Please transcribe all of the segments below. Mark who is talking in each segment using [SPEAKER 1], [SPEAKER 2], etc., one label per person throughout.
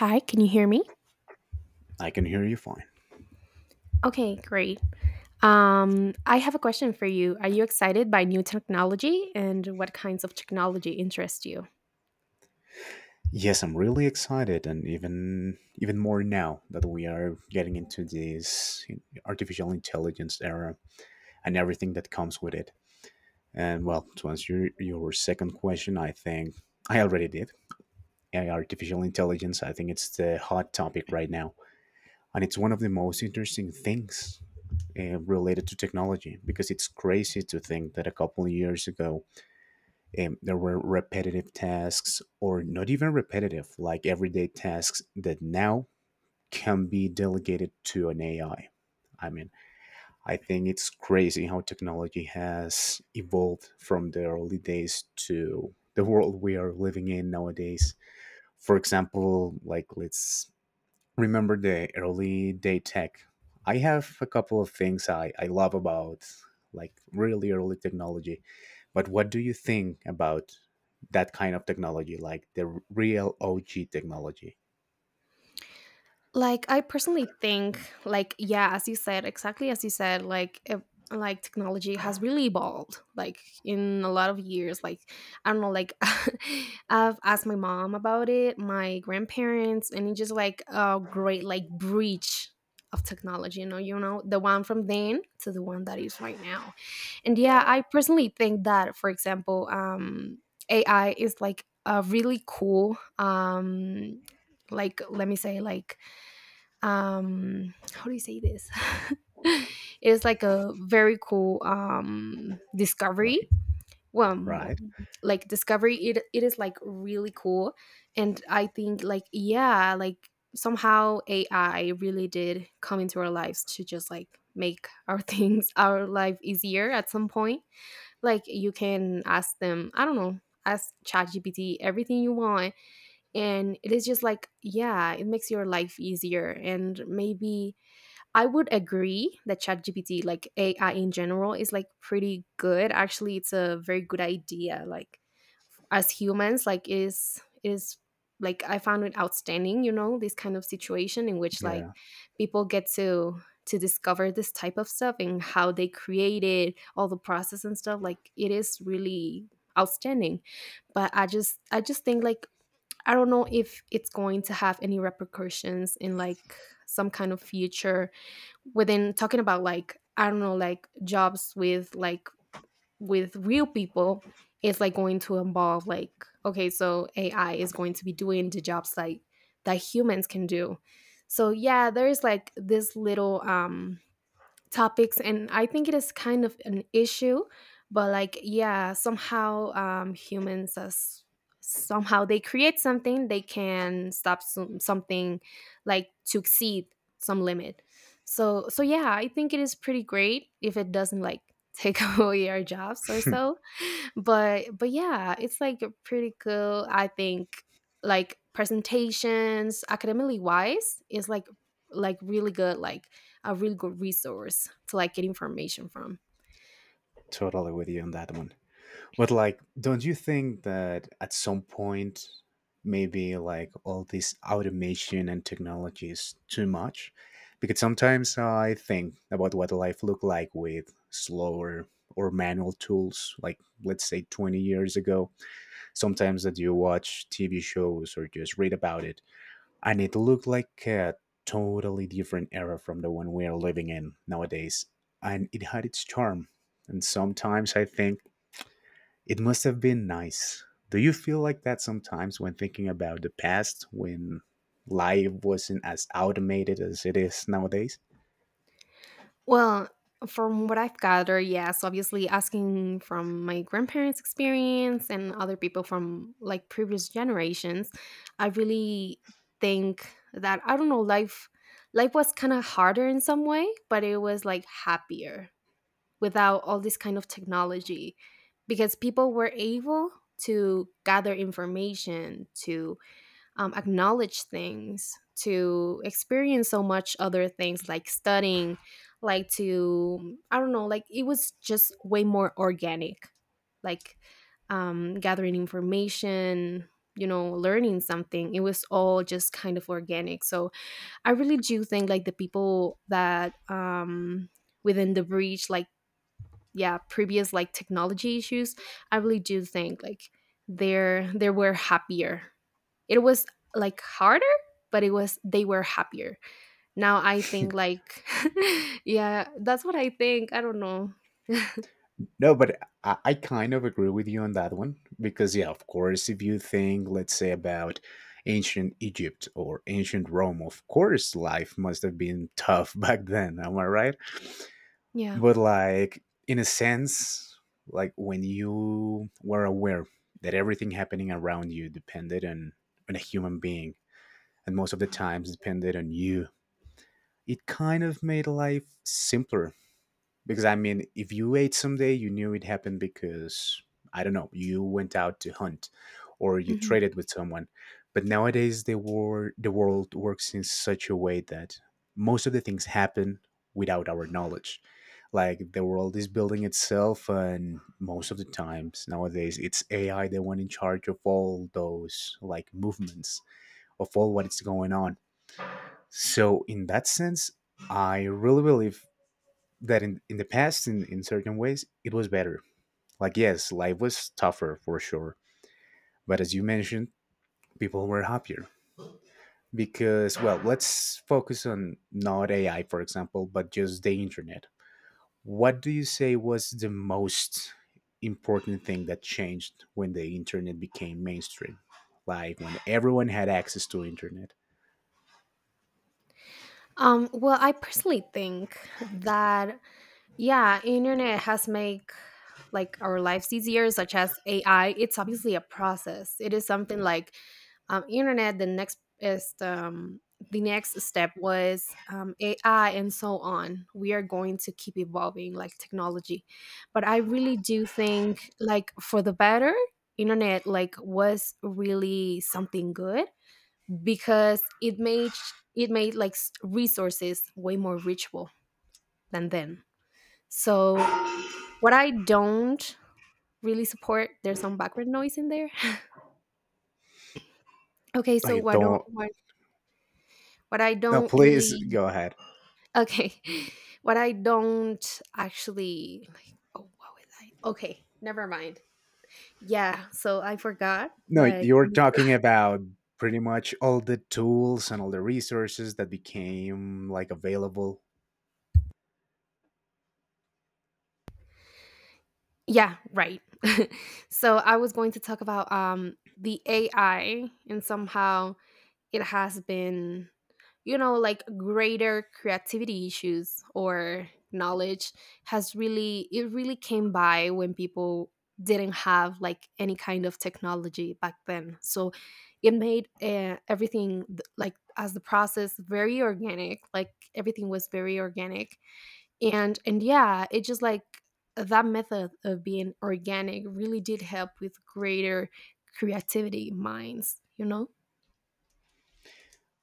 [SPEAKER 1] Hi, can you hear me?
[SPEAKER 2] I can hear you fine.
[SPEAKER 1] Okay, great. I have a question for you. Are you excited by new technology and what kinds of technology interest you?
[SPEAKER 2] Yes, I'm really excited, and even more now that we are getting into this artificial intelligence era and everything that comes with it. And well, to answer your second question, I think I already did. AI, artificial intelligence, I think it's the hot topic right now, and it's one of the most interesting things related to technology because it's crazy to think that a couple of years ago there were repetitive tasks, or not even repetitive, like everyday tasks that now can be delegated to an AI. I mean, I think it's crazy how technology has evolved from the early days to the world we are living in nowadays. For example, like let's remember the early day tech. I have a couple of things I love about like really early technology. But what do you think about that kind of technology, like the real OG technology?
[SPEAKER 1] Like I personally think as you said, exactly as you said, like technology has really evolved like in a lot of years like I don't know like I've asked my mom about it, my grandparents, and it's just like a great like breach of technology, you know, the one from then to the one that is right now. And yeah, I personally think that, for example, AI is like a really cool, like let me say, how do you say this? It's like a very cool discovery.
[SPEAKER 2] Like,
[SPEAKER 1] Well,
[SPEAKER 2] right?
[SPEAKER 1] m- like discovery, it is like really cool, and I think somehow AI really did come into our lives to just like make our things, our life easier at some point. Like you can ask them, I don't know, ask ChatGPT everything you want. And it is just like, yeah, it makes your life easier. And maybe I would agree that ChatGPT, like AI in general, is like pretty good. Actually, it's a very good idea. Like as humans, like it is like I found it outstanding, you know, this kind of situation in which like
[SPEAKER 2] Yeah,
[SPEAKER 1] people get to discover this type of stuff and how they created all the process and stuff. Like it is really outstanding. But I just think like I don't know if it's going to have any repercussions in like some kind of future, within talking about like I don't know like jobs with like with real people. It's like going to involve like, okay, so AI is going to be doing the jobs like that humans can do. So yeah, there's like this little topics, and I think it is kind of an issue. But like yeah, somehow, humans, as somehow they create something, they can stop something like to exceed some limit. So yeah, I think it is pretty great if it doesn't like take away our jobs or so. But yeah, it's like pretty cool, I think. Like presentations academically wise is like really good, like a really good resource to like get information from.
[SPEAKER 2] totally with you on that one. But like, don't you think that at some point, maybe like all this automation and technology is too much? Because sometimes I think about what life looked like with slower or manual tools, like let's say 20 years ago. Sometimes that you watch TV shows or just read about it, and it looked like a totally different era from the one we are living in nowadays. And it had its charm. And sometimes I think it must have been nice. Do you feel like that sometimes when thinking about the past, when life wasn't as automated as it is nowadays?
[SPEAKER 1] Well, from what I've gathered, yes, obviously asking from my grandparents' experience and other people from like previous generations, I really think that I don't know, life was kind of harder in some way, but it was like happier without all this kind of technology, because people were able to gather information, to acknowledge things, to experience so much other things like studying, like to I don't know, like it was just way more organic, like gathering information, you know, learning something. It was all just kind of organic. So I really do think like the people that within the breach, like yeah, previous like technology issues, I really do think like they were happier. It was like harder, but it was they were happier. Now I think like yeah, that's what I think, I don't know.
[SPEAKER 2] No, but I kind of agree with you on that one because, yeah, of course, if you think, let's say, about ancient Egypt or ancient Rome, of course, life must have been tough back then. Am I right?
[SPEAKER 1] Yeah.
[SPEAKER 2] But, like, in a sense, like when you were aware that everything happening around you depended on a human being, and most of the times depended on you. It kind of made life simpler, because I mean, if you ate someday, you knew it happened because, I don't know, you went out to hunt or you
[SPEAKER 1] Mhm.
[SPEAKER 2] traded with someone. But nowadays, the world works in such a way that most of the things happen without our knowledge. Like the world is building itself, and most of the times nowadays, it's AI the one in charge of all those like movements, of all what is going on. So in that sense, I really believe that in the past, in certain ways, it was better. Like, yes, life was tougher for sure. But as you mentioned, people were happier. Because, well, let's focus on not AI, for example, but just the internet. What do you say was the most important thing that changed when the internet became mainstream? Like when everyone had access to internet.
[SPEAKER 1] Um, well, I personally think that yeah, internet has made like our lives easier, such as AI. It's obviously a process. It is something like internet. The next is the next step was AI, and so on. We are going to keep evolving like technology, but I really do think like for the better, internet like was really something good because it made like s- resources way more reachable than then. So what I don't really support, there's some background noise in there. Okay, so
[SPEAKER 2] Like,
[SPEAKER 1] what don't
[SPEAKER 2] don't.
[SPEAKER 1] what I
[SPEAKER 2] No,
[SPEAKER 1] don't
[SPEAKER 2] please
[SPEAKER 1] really
[SPEAKER 2] go ahead.
[SPEAKER 1] okay, what I don't actually like. Oh, what was I? Okay, never mind. Yeah, so I forgot,
[SPEAKER 2] No,
[SPEAKER 1] but
[SPEAKER 2] you're
[SPEAKER 1] y-
[SPEAKER 2] talking about pretty much all the tools and all the resources that became like available.
[SPEAKER 1] yeah, right. So I was going to talk about the AI, and somehow it has been, you know, like greater creativity issues or knowledge has really, it really came by when people didn't have like any kind of technology back then. So it made everything th- like as the process very organic, like everything was very organic. And yeah, it just like that method of being organic really did help with greater creativity minds, you know.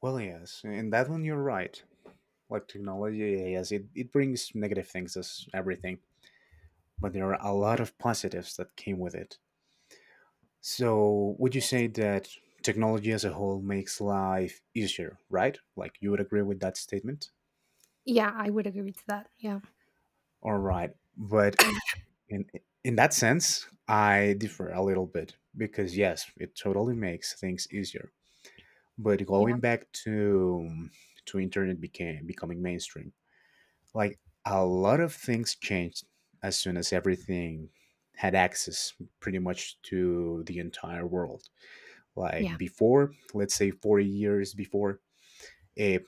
[SPEAKER 2] Well, yes, in that one you're right. Like technology, yes, it brings negative things as everything, but there are a lot of positives that came with it. So, would you say that technology as a whole makes life easier, right? Like you would agree with that statement?
[SPEAKER 1] Yeah, I would agree to that. Yeah.
[SPEAKER 2] All right. But in in that sense, I differ a little bit, because yes, it totally makes things easier. But
[SPEAKER 1] Yeah.
[SPEAKER 2] going back to internet became becoming mainstream, like a lot of things changed as soon as everything had access pretty much to the entire world. Like
[SPEAKER 1] Yeah.
[SPEAKER 2] before, let's say 40 years before, eh,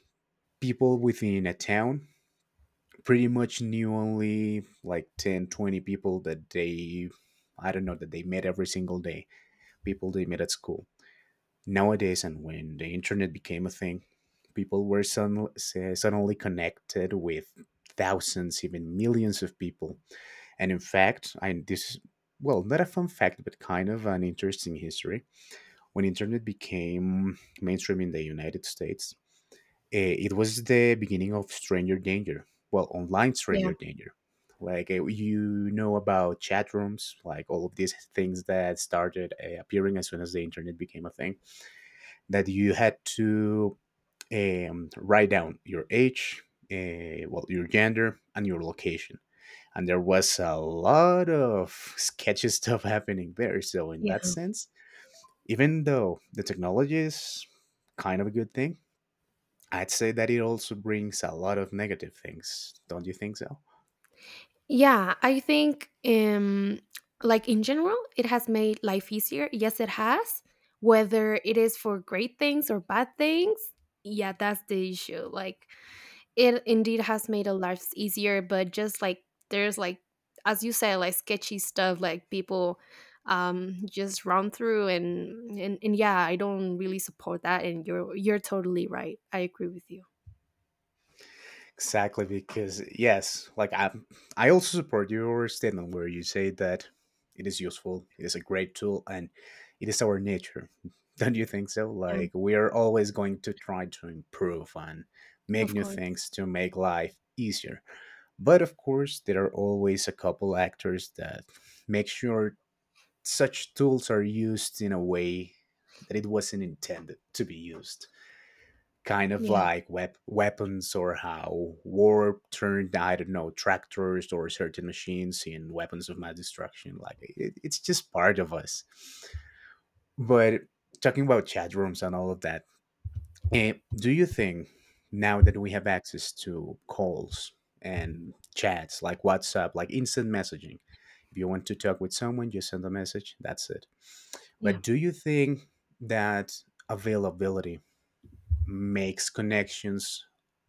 [SPEAKER 2] people within a town pretty much knew only like 10, 20 people that they, I don't know, that they met every single day, people they met at school. Nowadays, and when the internet became a thing, people were suddenly connected with thousands, even millions of people. And in fact, I this is, well, not a fun fact, but kind of an interesting history. When internet became mainstream in the United States, it was the beginning of stranger danger, well, online
[SPEAKER 1] Yeah.
[SPEAKER 2] stranger danger. Like you know about chat rooms, like all of these things that started appearing as soon as the internet became a thing, that you had to write down your age, well, your gender, and your location. And there was a lot of sketchy stuff happening there. So, in
[SPEAKER 1] Yeah.
[SPEAKER 2] that sense, even though the technology is kind of a good thing, I'd say that it also brings a lot of negative things. Don't you think so?
[SPEAKER 1] Yeah, I think like in general, it has made life easier. Yes, it has. Whether it is for great things or bad things, yeah, that's the issue. Like it indeed has made our lives easier, but just like there's like as you say, like sketchy stuff like people just run through and yeah, I don't really support that, and you're totally right. I agree with you.
[SPEAKER 2] Exactly, because yes, like I also support your statement, where you say that it is useful, it is a great tool, and it is our nature. Don't you think so?
[SPEAKER 1] Yeah,
[SPEAKER 2] Like we are always going to try to improve and make
[SPEAKER 1] of
[SPEAKER 2] new
[SPEAKER 1] course.
[SPEAKER 2] things to make life easier. But of course, there are always a couple actors that make sure such tools are used in a way that it wasn't intended to be used, kind of
[SPEAKER 1] Yeah,
[SPEAKER 2] like weapons, or how war turned, I don't know, tractors or certain machines in weapons of mass destruction. Like it's just part of us. But talking about chat rooms and all of that, do you think, now that we have access to calls and chats like WhatsApp, like instant messaging, if you want to talk with someone, you send a message, that's it.
[SPEAKER 1] yeah.
[SPEAKER 2] But do you think that availability makes connections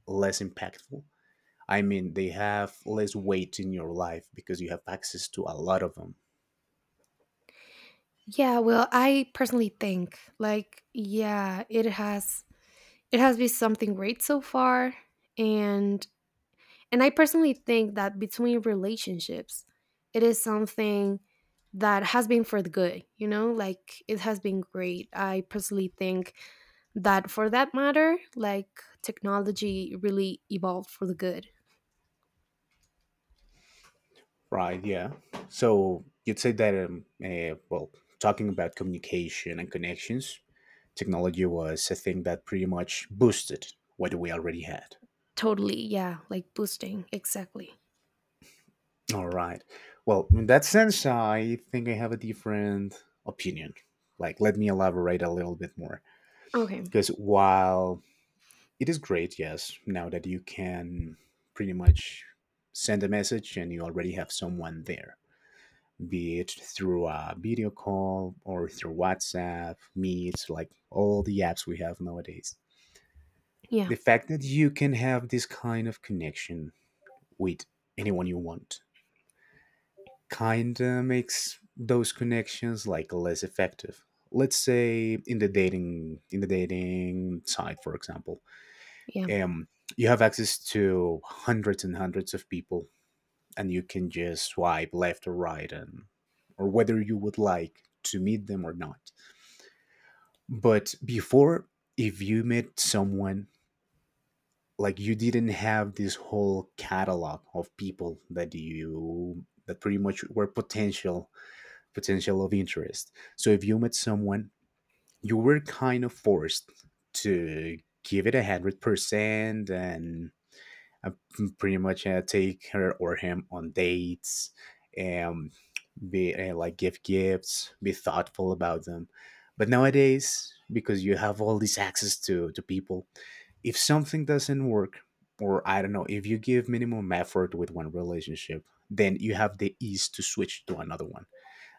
[SPEAKER 2] less impactful? I mean, they have less weight in your life because you have access to a lot of them,
[SPEAKER 1] Yeah, well, I personally think like yeah, it has been something great so far, and and I personally think that between relationships, it is something that has been for the good, you know? Like it has been great. I personally think that for that matter, like technology really evolved for the good.
[SPEAKER 2] right? Yeah. So you'd say that, well, talking about communication and connections, technology was a thing that pretty much boosted what we already had.
[SPEAKER 1] Totally. Yeah, like boosting. Exactly.
[SPEAKER 2] All right. Well, in that sense, I think I have a different opinion. Like, let me elaborate a little bit more.
[SPEAKER 1] Okay.
[SPEAKER 2] Because while it is great, yes, now that you can pretty much send a message and you already have someone there, be it through a video call or through WhatsApp, Meets, like all the apps we have nowadays.
[SPEAKER 1] Yeah.
[SPEAKER 2] The fact that you can have this kind of connection with anyone you want kind of makes those connections like less effective. Let's say in the dating side, for example,
[SPEAKER 1] Yeah.
[SPEAKER 2] um, you have access to hundreds and hundreds of people, and you can just swipe left or right, and or whether you would like to meet them or not. But before, if you met someone, like you didn't have this whole catalog of people that pretty much were potential of interest. So if you met someone, you were kind of forced to give it 100%, and I pretty much take her or him on dates, and be like, give gifts, be thoughtful about them. But nowadays, because you have all this access to people, if something doesn't work, or I don't know, if you give minimum effort with one relationship, then you have the ease to switch to another one.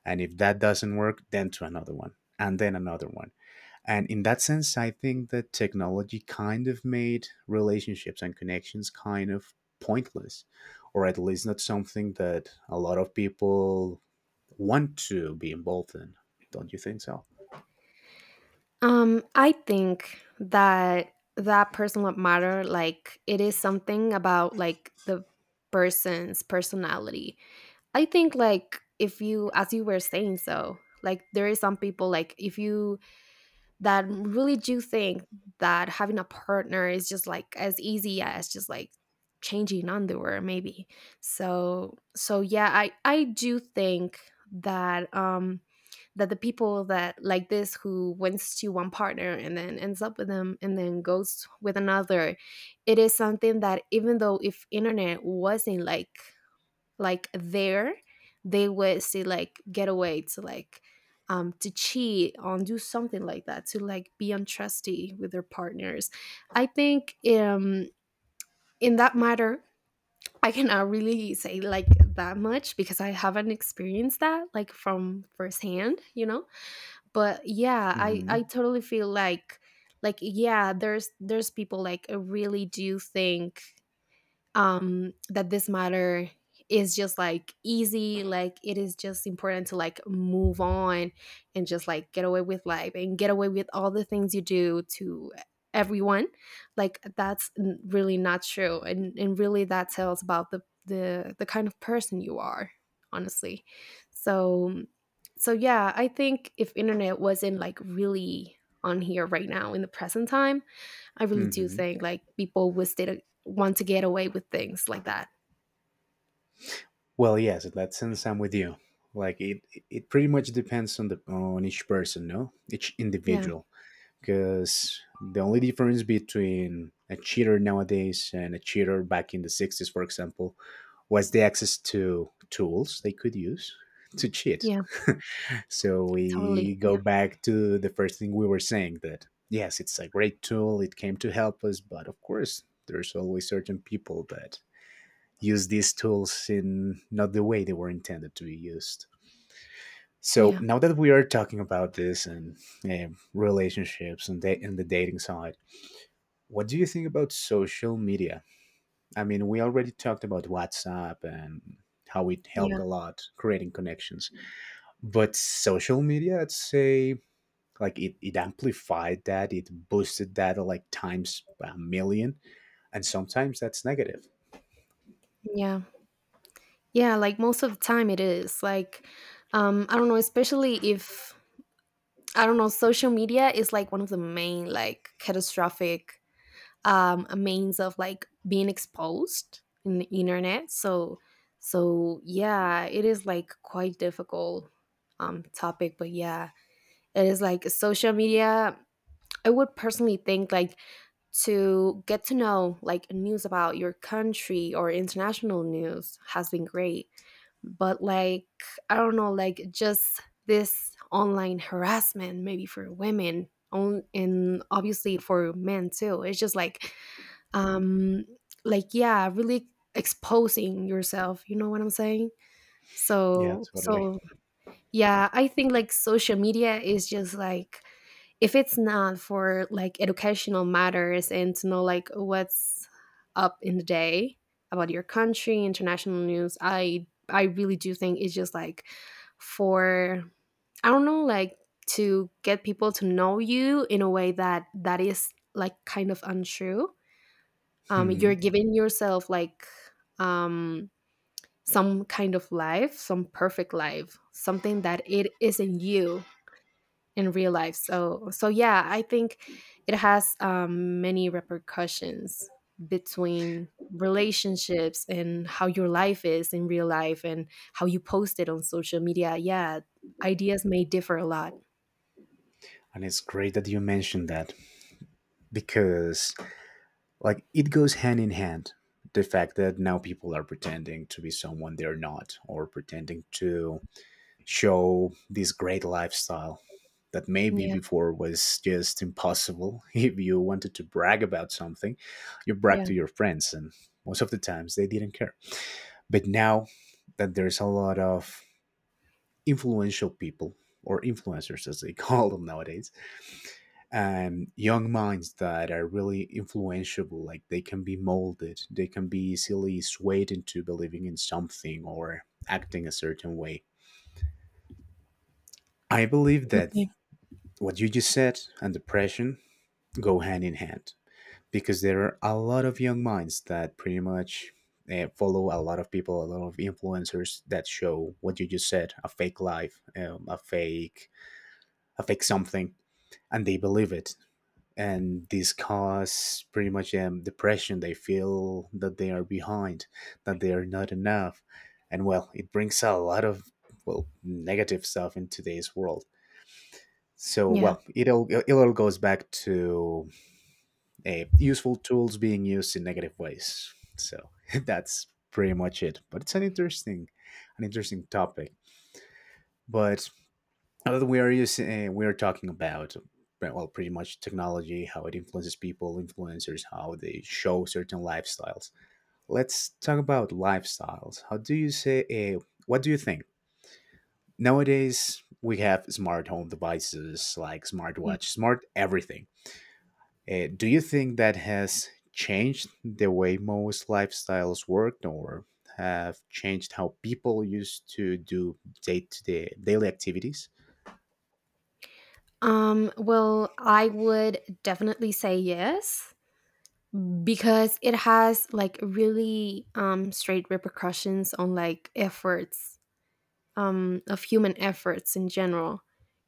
[SPEAKER 2] And if that doesn't work, then to another one, and then another one. And in that sense, I think that technology kind of made relationships and connections kind of pointless, or at least not something that a lot of people want to be involved in. Don't you think so?
[SPEAKER 1] I think that that person would matter, like, it is something about, like, the person's personality. I think, like, if you as you were saying so, like, there is some people, like, if you that really do think that having a partner is just, like, as easy as just, like, changing underwear maybe. So yeah, I do think that, that the people that like this who wins to one partner and then ends up with them and then goes with another, it is something that even though if internet wasn't like there, they would see like get away to like to cheat on, do something like that to like be untrusty with their partners. I think in that matter, I cannot really say like that much because I haven't experienced that like from firsthand, you know? But yeah, I
[SPEAKER 2] Hmm.
[SPEAKER 1] totally feel like yeah, there's people like really do think that this matter is just like easy, like it is just important to like move on and just like get away with life and get away with all the things you do to everyone. Like that's n- really not true, and really that tells about the kind of person you are, honestly. So so yeah, I think if internet wasn't like really on here right now in the present time, I really do
[SPEAKER 2] Hmm.
[SPEAKER 1] think like people will stay want to get away with things like that.
[SPEAKER 2] Well, yes, in that sense, I'm with you. Like it pretty much depends on each person, no, each
[SPEAKER 1] Yeah,
[SPEAKER 2] individual. Because the only difference between a cheater nowadays and a cheater back in the 60s, for example, was the access to tools they could use to cheat.
[SPEAKER 1] yeah,
[SPEAKER 2] So
[SPEAKER 1] totally.
[SPEAKER 2] we go
[SPEAKER 1] Yeah,
[SPEAKER 2] back to the first thing we were saying, that yes, it's a great tool, it came to help us, but of course there's always certain people that use these tools in not the way they were intended to be used. So
[SPEAKER 1] yeah,
[SPEAKER 2] now that we are talking about this and eh, relationships, and and the dating side, what do you think about social media? I mean, we already talked about WhatsApp and how it
[SPEAKER 1] yeah,
[SPEAKER 2] helped a lot creating connections, but social media, I'd say, like it amplified that, it boosted that like times a million, and sometimes that's negative.
[SPEAKER 1] yeah, yeah. Like most of the time, it is like I don't know, especially if I don't know, social media is like one of the main like catastrophic means of like being exposed in the internet. So, so yeah, it is like quite difficult topic, but yeah, it is like social media. I would personally think like to get to know like news about your country or international news has been great, but like I don't know like just this online harassment maybe for women on, and obviously for men too, it's just um like yeah really exposing yourself, you know what I'm saying.
[SPEAKER 2] Yeah,
[SPEAKER 1] so
[SPEAKER 2] totally.
[SPEAKER 1] so yeah, I think like social media is just like, if it's not for like educational matters and to know like what's up in the day about your country, international news, I really do think it's just like for I don't know like to get people to know you in a way that that is like kind of untrue.
[SPEAKER 2] Hmm.
[SPEAKER 1] You're giving yourself like um some kind of life, some perfect life, something that it isn't you in real life. So yeah, I think it has many repercussions between relationships and how your life is in real life and how you post it on social media. Yeah, ideas may differ a lot.
[SPEAKER 2] And it's great that you mentioned that, because like it goes hand in hand, the fact that now people are pretending to be someone they're not, or pretending to show this great lifestyle that maybe
[SPEAKER 1] Yeah.
[SPEAKER 2] before was just impossible. If you wanted to brag about something, you brag
[SPEAKER 1] Yeah.
[SPEAKER 2] to your friends, and most of the times they didn't care. But now that there's a lot of influential people, or influencers as they call them nowadays, young minds that are really influential. Like they can be molded, they can be easily swayed into believing in something or acting a certain way. I believe that
[SPEAKER 1] Okay.
[SPEAKER 2] what you just said and depression go hand in hand, because there are a lot of young minds that pretty much follow a lot of people, a lot of influencers that show what you just said, a fake life, a fake something, and they believe it. And this cause pretty much depression. They feel that they are behind, that they are not enough, and well, it brings a lot of, well, negative stuff in today's world. So
[SPEAKER 1] Yeah.
[SPEAKER 2] well, it all goes back to useful tools being used in negative ways. So that's pretty much it, but it's an interesting, an interesting topic. But now that we are using, we are talking about, well, pretty much technology, how it influences people, influencers, how they show certain lifestyles. Let's talk about lifestyles. How do you say? Uh, what do you think nowadays? We have smart home devices like
[SPEAKER 1] Yeah.
[SPEAKER 2] smartwatch, smart everything. Do you think that has changed the way most lifestyles worked, or have changed how people used to do day to day daily activities?
[SPEAKER 1] Um, well, I would definitely say yes because it has like really straight repercussions on like efforts, of human efforts in general.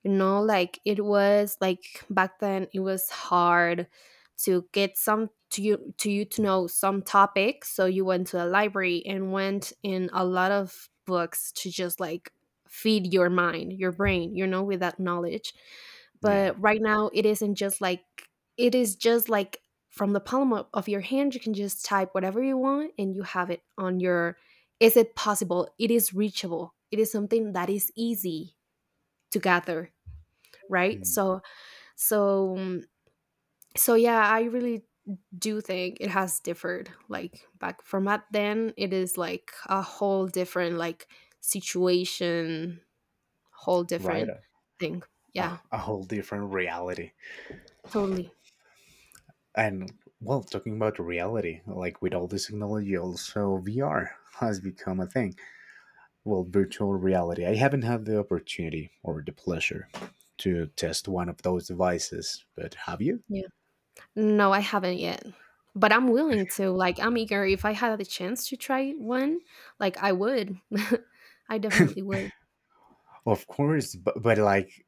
[SPEAKER 1] You know, like it was like back then it was hard to get some to you to know some topic. So you went to the library and went in a lot of books to just like feed your mind, your brain, you know, with that knowledge.
[SPEAKER 2] Yeah.
[SPEAKER 1] But right now it isn't just like it is just like from the palm of your hand, you can just type whatever you want and you have it on your is it possible? It is reachable. It is something that is easy to gather, right?
[SPEAKER 2] Hmm.
[SPEAKER 1] So, um, so yeah, I really do think it has differed. Like back from at then, it is like a whole different like situation, whole
[SPEAKER 2] Right,
[SPEAKER 1] different thing. Yeah,
[SPEAKER 2] a whole different reality.
[SPEAKER 1] totally.
[SPEAKER 2] And well, talking about reality, like with all this technology, also VR has become a thing. Well, virtual reality, I haven't had the opportunity or the pleasure to test one of those devices, but have you?
[SPEAKER 1] Yeah. No, I haven't yet. But I'm willing to, like, I'm eager. If I had the chance to try one, like, I would. I definitely would.
[SPEAKER 2] Of course, but like,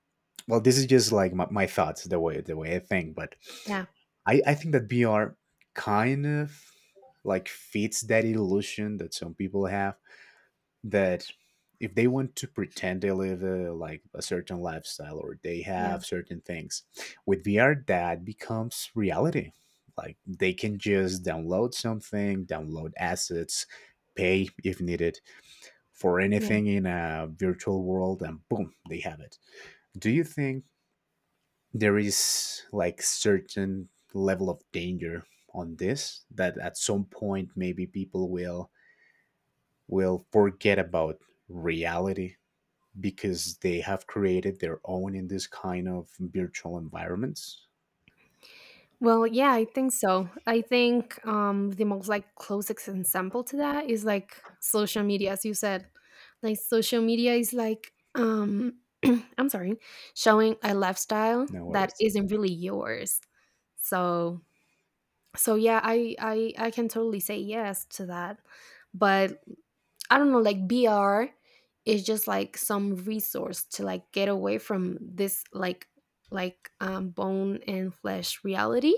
[SPEAKER 2] well, this is just like my thoughts, the way I think, but
[SPEAKER 1] Yeah,
[SPEAKER 2] I think that VR kind of like fits that illusion that some people have, that if they want to pretend they live a, like a certain lifestyle, or they
[SPEAKER 1] yeah,
[SPEAKER 2] have certain things, with VR that becomes reality. Like they can just download something, download assets, pay if needed for
[SPEAKER 1] yeah.
[SPEAKER 2] anything in a virtual world, and boom, they have it. Do you think there is like certain level of danger on this, that at some point maybe people will forget about reality because they have created their own in this kind of virtual environments?
[SPEAKER 1] Well, yeah, I think so. I think the most like closest example to that is like social media, as you said. Like social media is like I'm sorry, showing a lifestyle
[SPEAKER 2] No
[SPEAKER 1] that
[SPEAKER 2] worries.
[SPEAKER 1] isn't really yours. So so yeah, I can totally say yes to that. But I don't know, like BR is just like some resource to like get away from this like bone and flesh reality,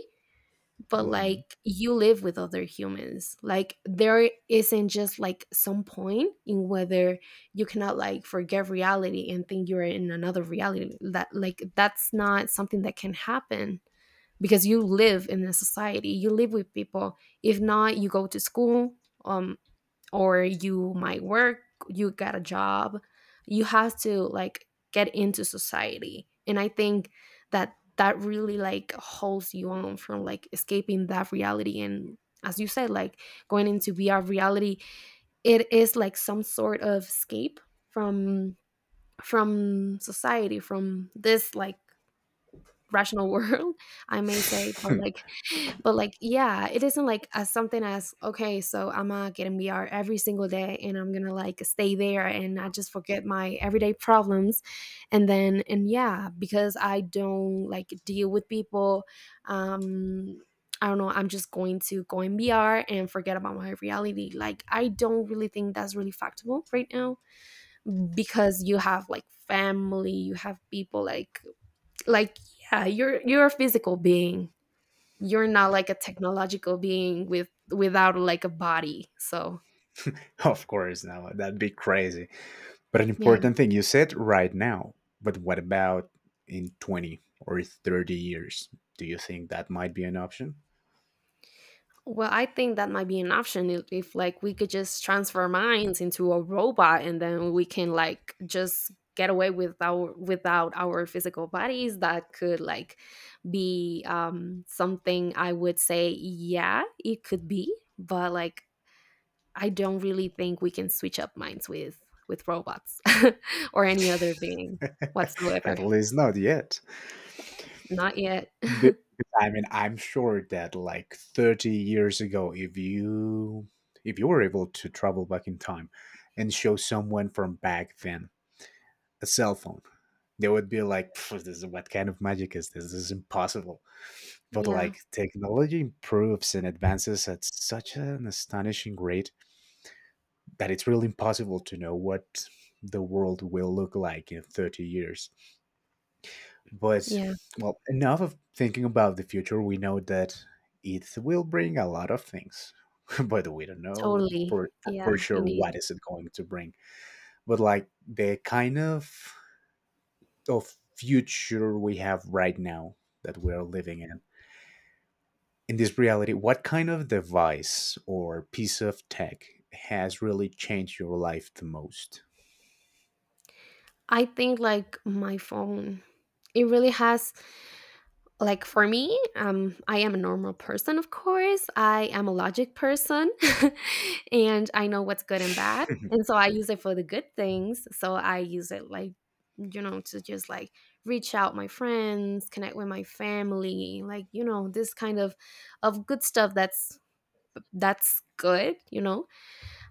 [SPEAKER 1] but
[SPEAKER 2] Mhm.
[SPEAKER 1] like you live with other humans. Like there isn't just like some point in whether you cannot like forget reality and think you're in another reality. That like that's not something that can happen because you live in a society, you live with people. If not, you go to school, um or you might work, you get a job, you have to like get into society. And I think that really like holds you on from like escaping that reality, and as you said, like going into VR reality, it is like some sort of escape from from society, from this like rational world, I may say, but like, but like, yeah, it isn't like as something as okay, so I'm gonna get in VR every single day, and I'm gonna like stay there, and I just forget my everyday problems, and then and yeah, because I don't like deal with people, um, I don't know, I'm just going to go in VR and forget about my reality. Like, I don't really think that's really factable right now because you have like family, you have people like yeah you're a physical being, you're not like a technological being with without like a body. So
[SPEAKER 2] Of course, no, that'd be crazy. But an
[SPEAKER 1] yeah,
[SPEAKER 2] important thing you said right now, but what about in 20 or 30 years? Do you think that might be an option?
[SPEAKER 1] well, I think that might be an option if, like we could just transfer minds into a robot and then we can like just get away with our without our physical bodies. That could like be something, I would say, yeah, it could be, but like I don't really think we can switch up minds with robots or any other being whatsoever.
[SPEAKER 2] At least not yet.
[SPEAKER 1] Not yet.
[SPEAKER 2] Be, because, I mean, I'm sure that like 30 years ago, if you, if you were able to travel back in time and show someone from back then a cell phone, they would be like, "Pff, this is what kind of magic is this? This is impossible." But
[SPEAKER 1] Yeah.
[SPEAKER 2] like technology improves and advances at such an astonishing rate that it's really impossible to know what the world will look like in 30 years. But,
[SPEAKER 1] Yeah.
[SPEAKER 2] well, enough of thinking about the future. We know that it will bring a lot of things, but we don't know
[SPEAKER 1] Totally.
[SPEAKER 2] for
[SPEAKER 1] Yeah,
[SPEAKER 2] sure
[SPEAKER 1] indeed.
[SPEAKER 2] what is it going to bring. But like the kind of future we have right now, that we are living in this reality, what kind of device or piece of tech has really changed your life the most?
[SPEAKER 1] I think like my phone, it really has. Like for me, I am a normal person, of course. I am a logic person and I know what's good and bad, and so I use it for the good things. So I use it like, you know, to just like reach out my friends, connect with my family, like, you know, this kind of good stuff that's good, you know.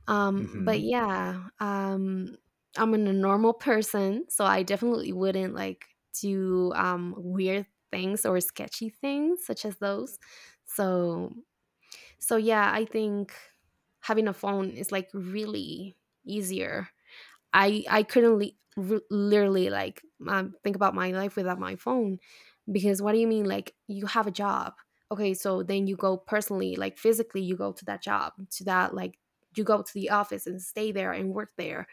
[SPEAKER 1] But
[SPEAKER 2] Mm-hmm.
[SPEAKER 1] yeah, I'm a normal person, so I definitely wouldn't like do weird things or sketchy things such as those. So so yeah, I think having a phone is like really easier. I couldn't literally like think about my life without my phone because what do you mean like you have a job? Okay, so then you go personally, like physically you go to that job, to that like you go to the office and stay there and work there.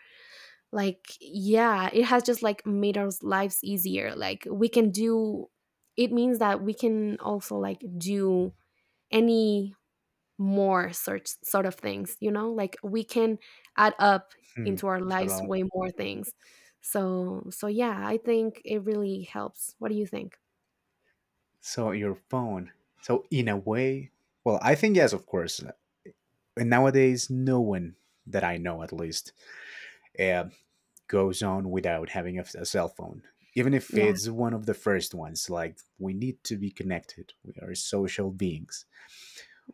[SPEAKER 1] Like yeah, it has just like made our lives easier. Like we can do, it means that we can also like do any more such sort of things, you know, like we can add up into our lives way more things. So yeah, I think it really helps. What do you think?
[SPEAKER 2] So your phone. So in a way, well, I think yes, of course. And nowadays, no one that I know, at least, uh, goes on without having a, f- a cell phone. Even if
[SPEAKER 1] Yeah,
[SPEAKER 2] it's one of the first ones, like we need to be connected. We are social beings.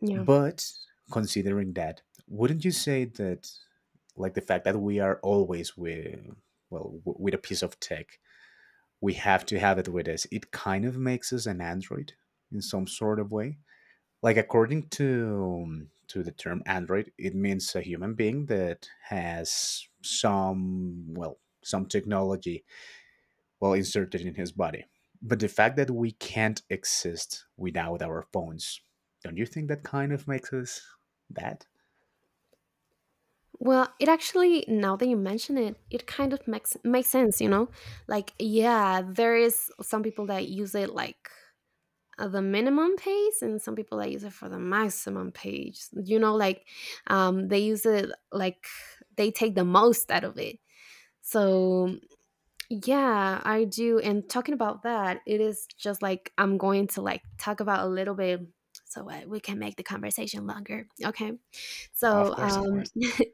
[SPEAKER 1] yeah,
[SPEAKER 2] But considering that, wouldn't you say that, like the fact that we are always with, well, w- with a piece of tech, we have to have it with us. It kind of makes us an android in some sort of way, like according to the term android, it means a human being that has some, well, some technology well inserted in his body. But the fact that we can't exist without our phones, don't you think that kind of makes us that?
[SPEAKER 1] well, it actually, now that you mention it, it kind of makes sense, you know. Like, yeah, there is some people that use it like at the minimum pace, and some people that use it for the maximum page, you know, like they use it like they take the most out of it. So yeah, I do. And talking about that, it is just like I'm going to like talk about a little bit so we can make the conversation longer. Okay.
[SPEAKER 2] Of
[SPEAKER 1] So
[SPEAKER 2] course, of course.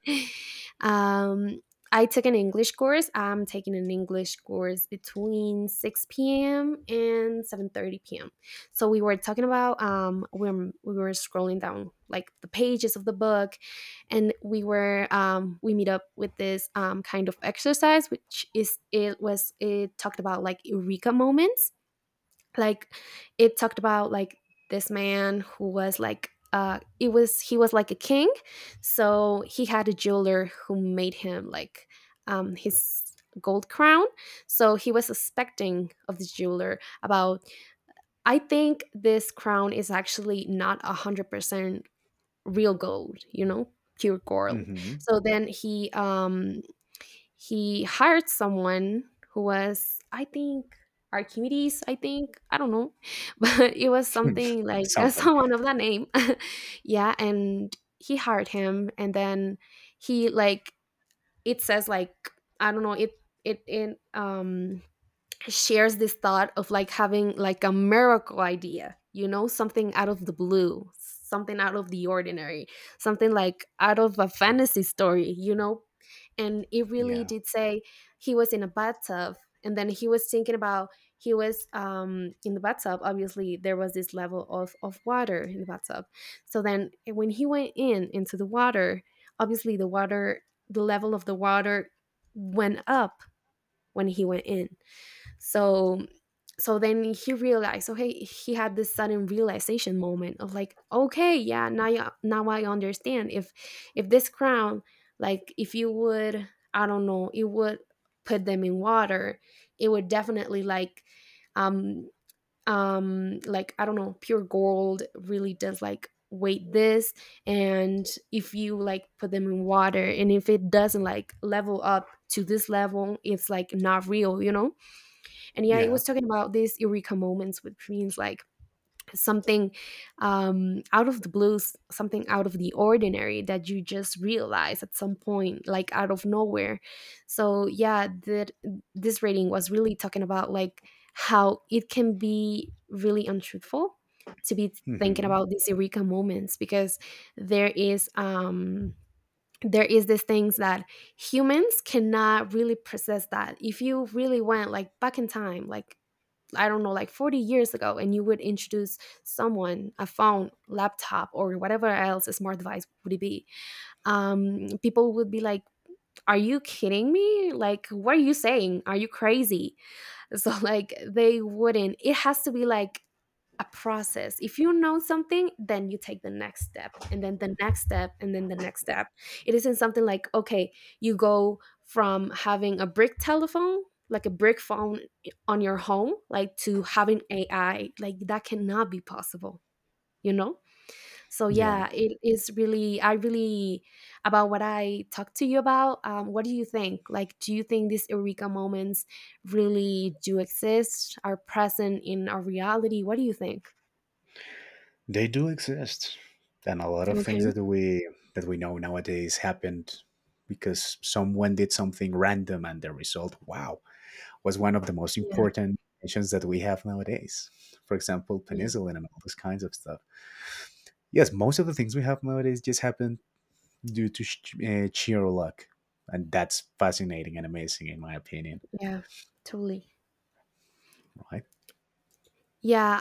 [SPEAKER 1] um, I took an English course. I'm taking an English course between 6 p.m. and 7:30 p.m. So we were talking about we were scrolling down like the pages of the book, and we were we meet up with this kind of exercise, which is it was it talked about like eureka moments. Like it talked about like this man who was like it was he was like a king. So he had a jeweler who made him like his gold crown. So he was suspecting of the jeweler about, I think this crown is actually not 100% real gold, you know, pure gold.
[SPEAKER 2] Hmm.
[SPEAKER 1] So then he he hired someone who was, I think, Archimedes, I think, I don't know, but it was something like
[SPEAKER 2] Something.
[SPEAKER 1] someone of that name. Yeah, and he hired him, and then he like it says like I don't know it it shares this thought of like having like a miracle idea, you know, something out of the blue, something out of the ordinary, something like out of a fantasy story, you know, and it really
[SPEAKER 2] Yeah.
[SPEAKER 1] did say he was in a bathtub. And then he was thinking about, he was in the bathtub. Obviously there was this level of water in the bathtub. So then when he went in into the water, obviously the water, the level of the water, went up when he went in. So so then he realized, okay, he had this sudden realization moment of like, okay, yeah, now you, now I understand. If this crown, like if you would, I don't know, it would put them in water, it would definitely um like I don't know, pure gold really does like weight this. And if you like put them in water and if it doesn't like level up to this level, it's like not real, you know. And yeah, it
[SPEAKER 2] Yeah.
[SPEAKER 1] was talking about these eureka moments, which means like something out of the blues, something out of the ordinary that you just realize at some point, like out of nowhere. So yeah, that this rating was really talking about like how it can be really untruthful to be thinking
[SPEAKER 2] Hmm.
[SPEAKER 1] about these eureka moments because there is um there is these things that humans cannot really process. That if you really went like back in time, like I don't know, like 40 years ago, and you would introduce someone a phone, laptop, or whatever else a smart device would it be, people would be like, are you kidding me? Like, what are you saying? Are you crazy? So, like, they wouldn't. It has to be like a process. If you know something, then you take the next step and then the next step and then the next step. It isn't something like, okay, you go from having a brick telephone, like a brick phone on your home, like to having AI. Like that cannot be possible, you know? So
[SPEAKER 2] Yeah.
[SPEAKER 1] yeah, it is really, I really, about what I talked to you about, what do you think? Like, do you think these Eureka moments really do exist, are present in our reality? What do you think?
[SPEAKER 2] They do exist, and a lot of things
[SPEAKER 1] Okay.
[SPEAKER 2] that we, that we know nowadays happened because someone did something random, and the result, wow, was one of the most
[SPEAKER 1] Yeah.
[SPEAKER 2] important inventions that we have nowadays. For example,
[SPEAKER 1] Yeah.
[SPEAKER 2] penicillin and all those kinds of stuff. Yes, most of the things we have nowadays just happen due to sheer luck, and that's fascinating and amazing in my opinion,
[SPEAKER 1] Yeah. Totally.
[SPEAKER 2] right?
[SPEAKER 1] Yeah.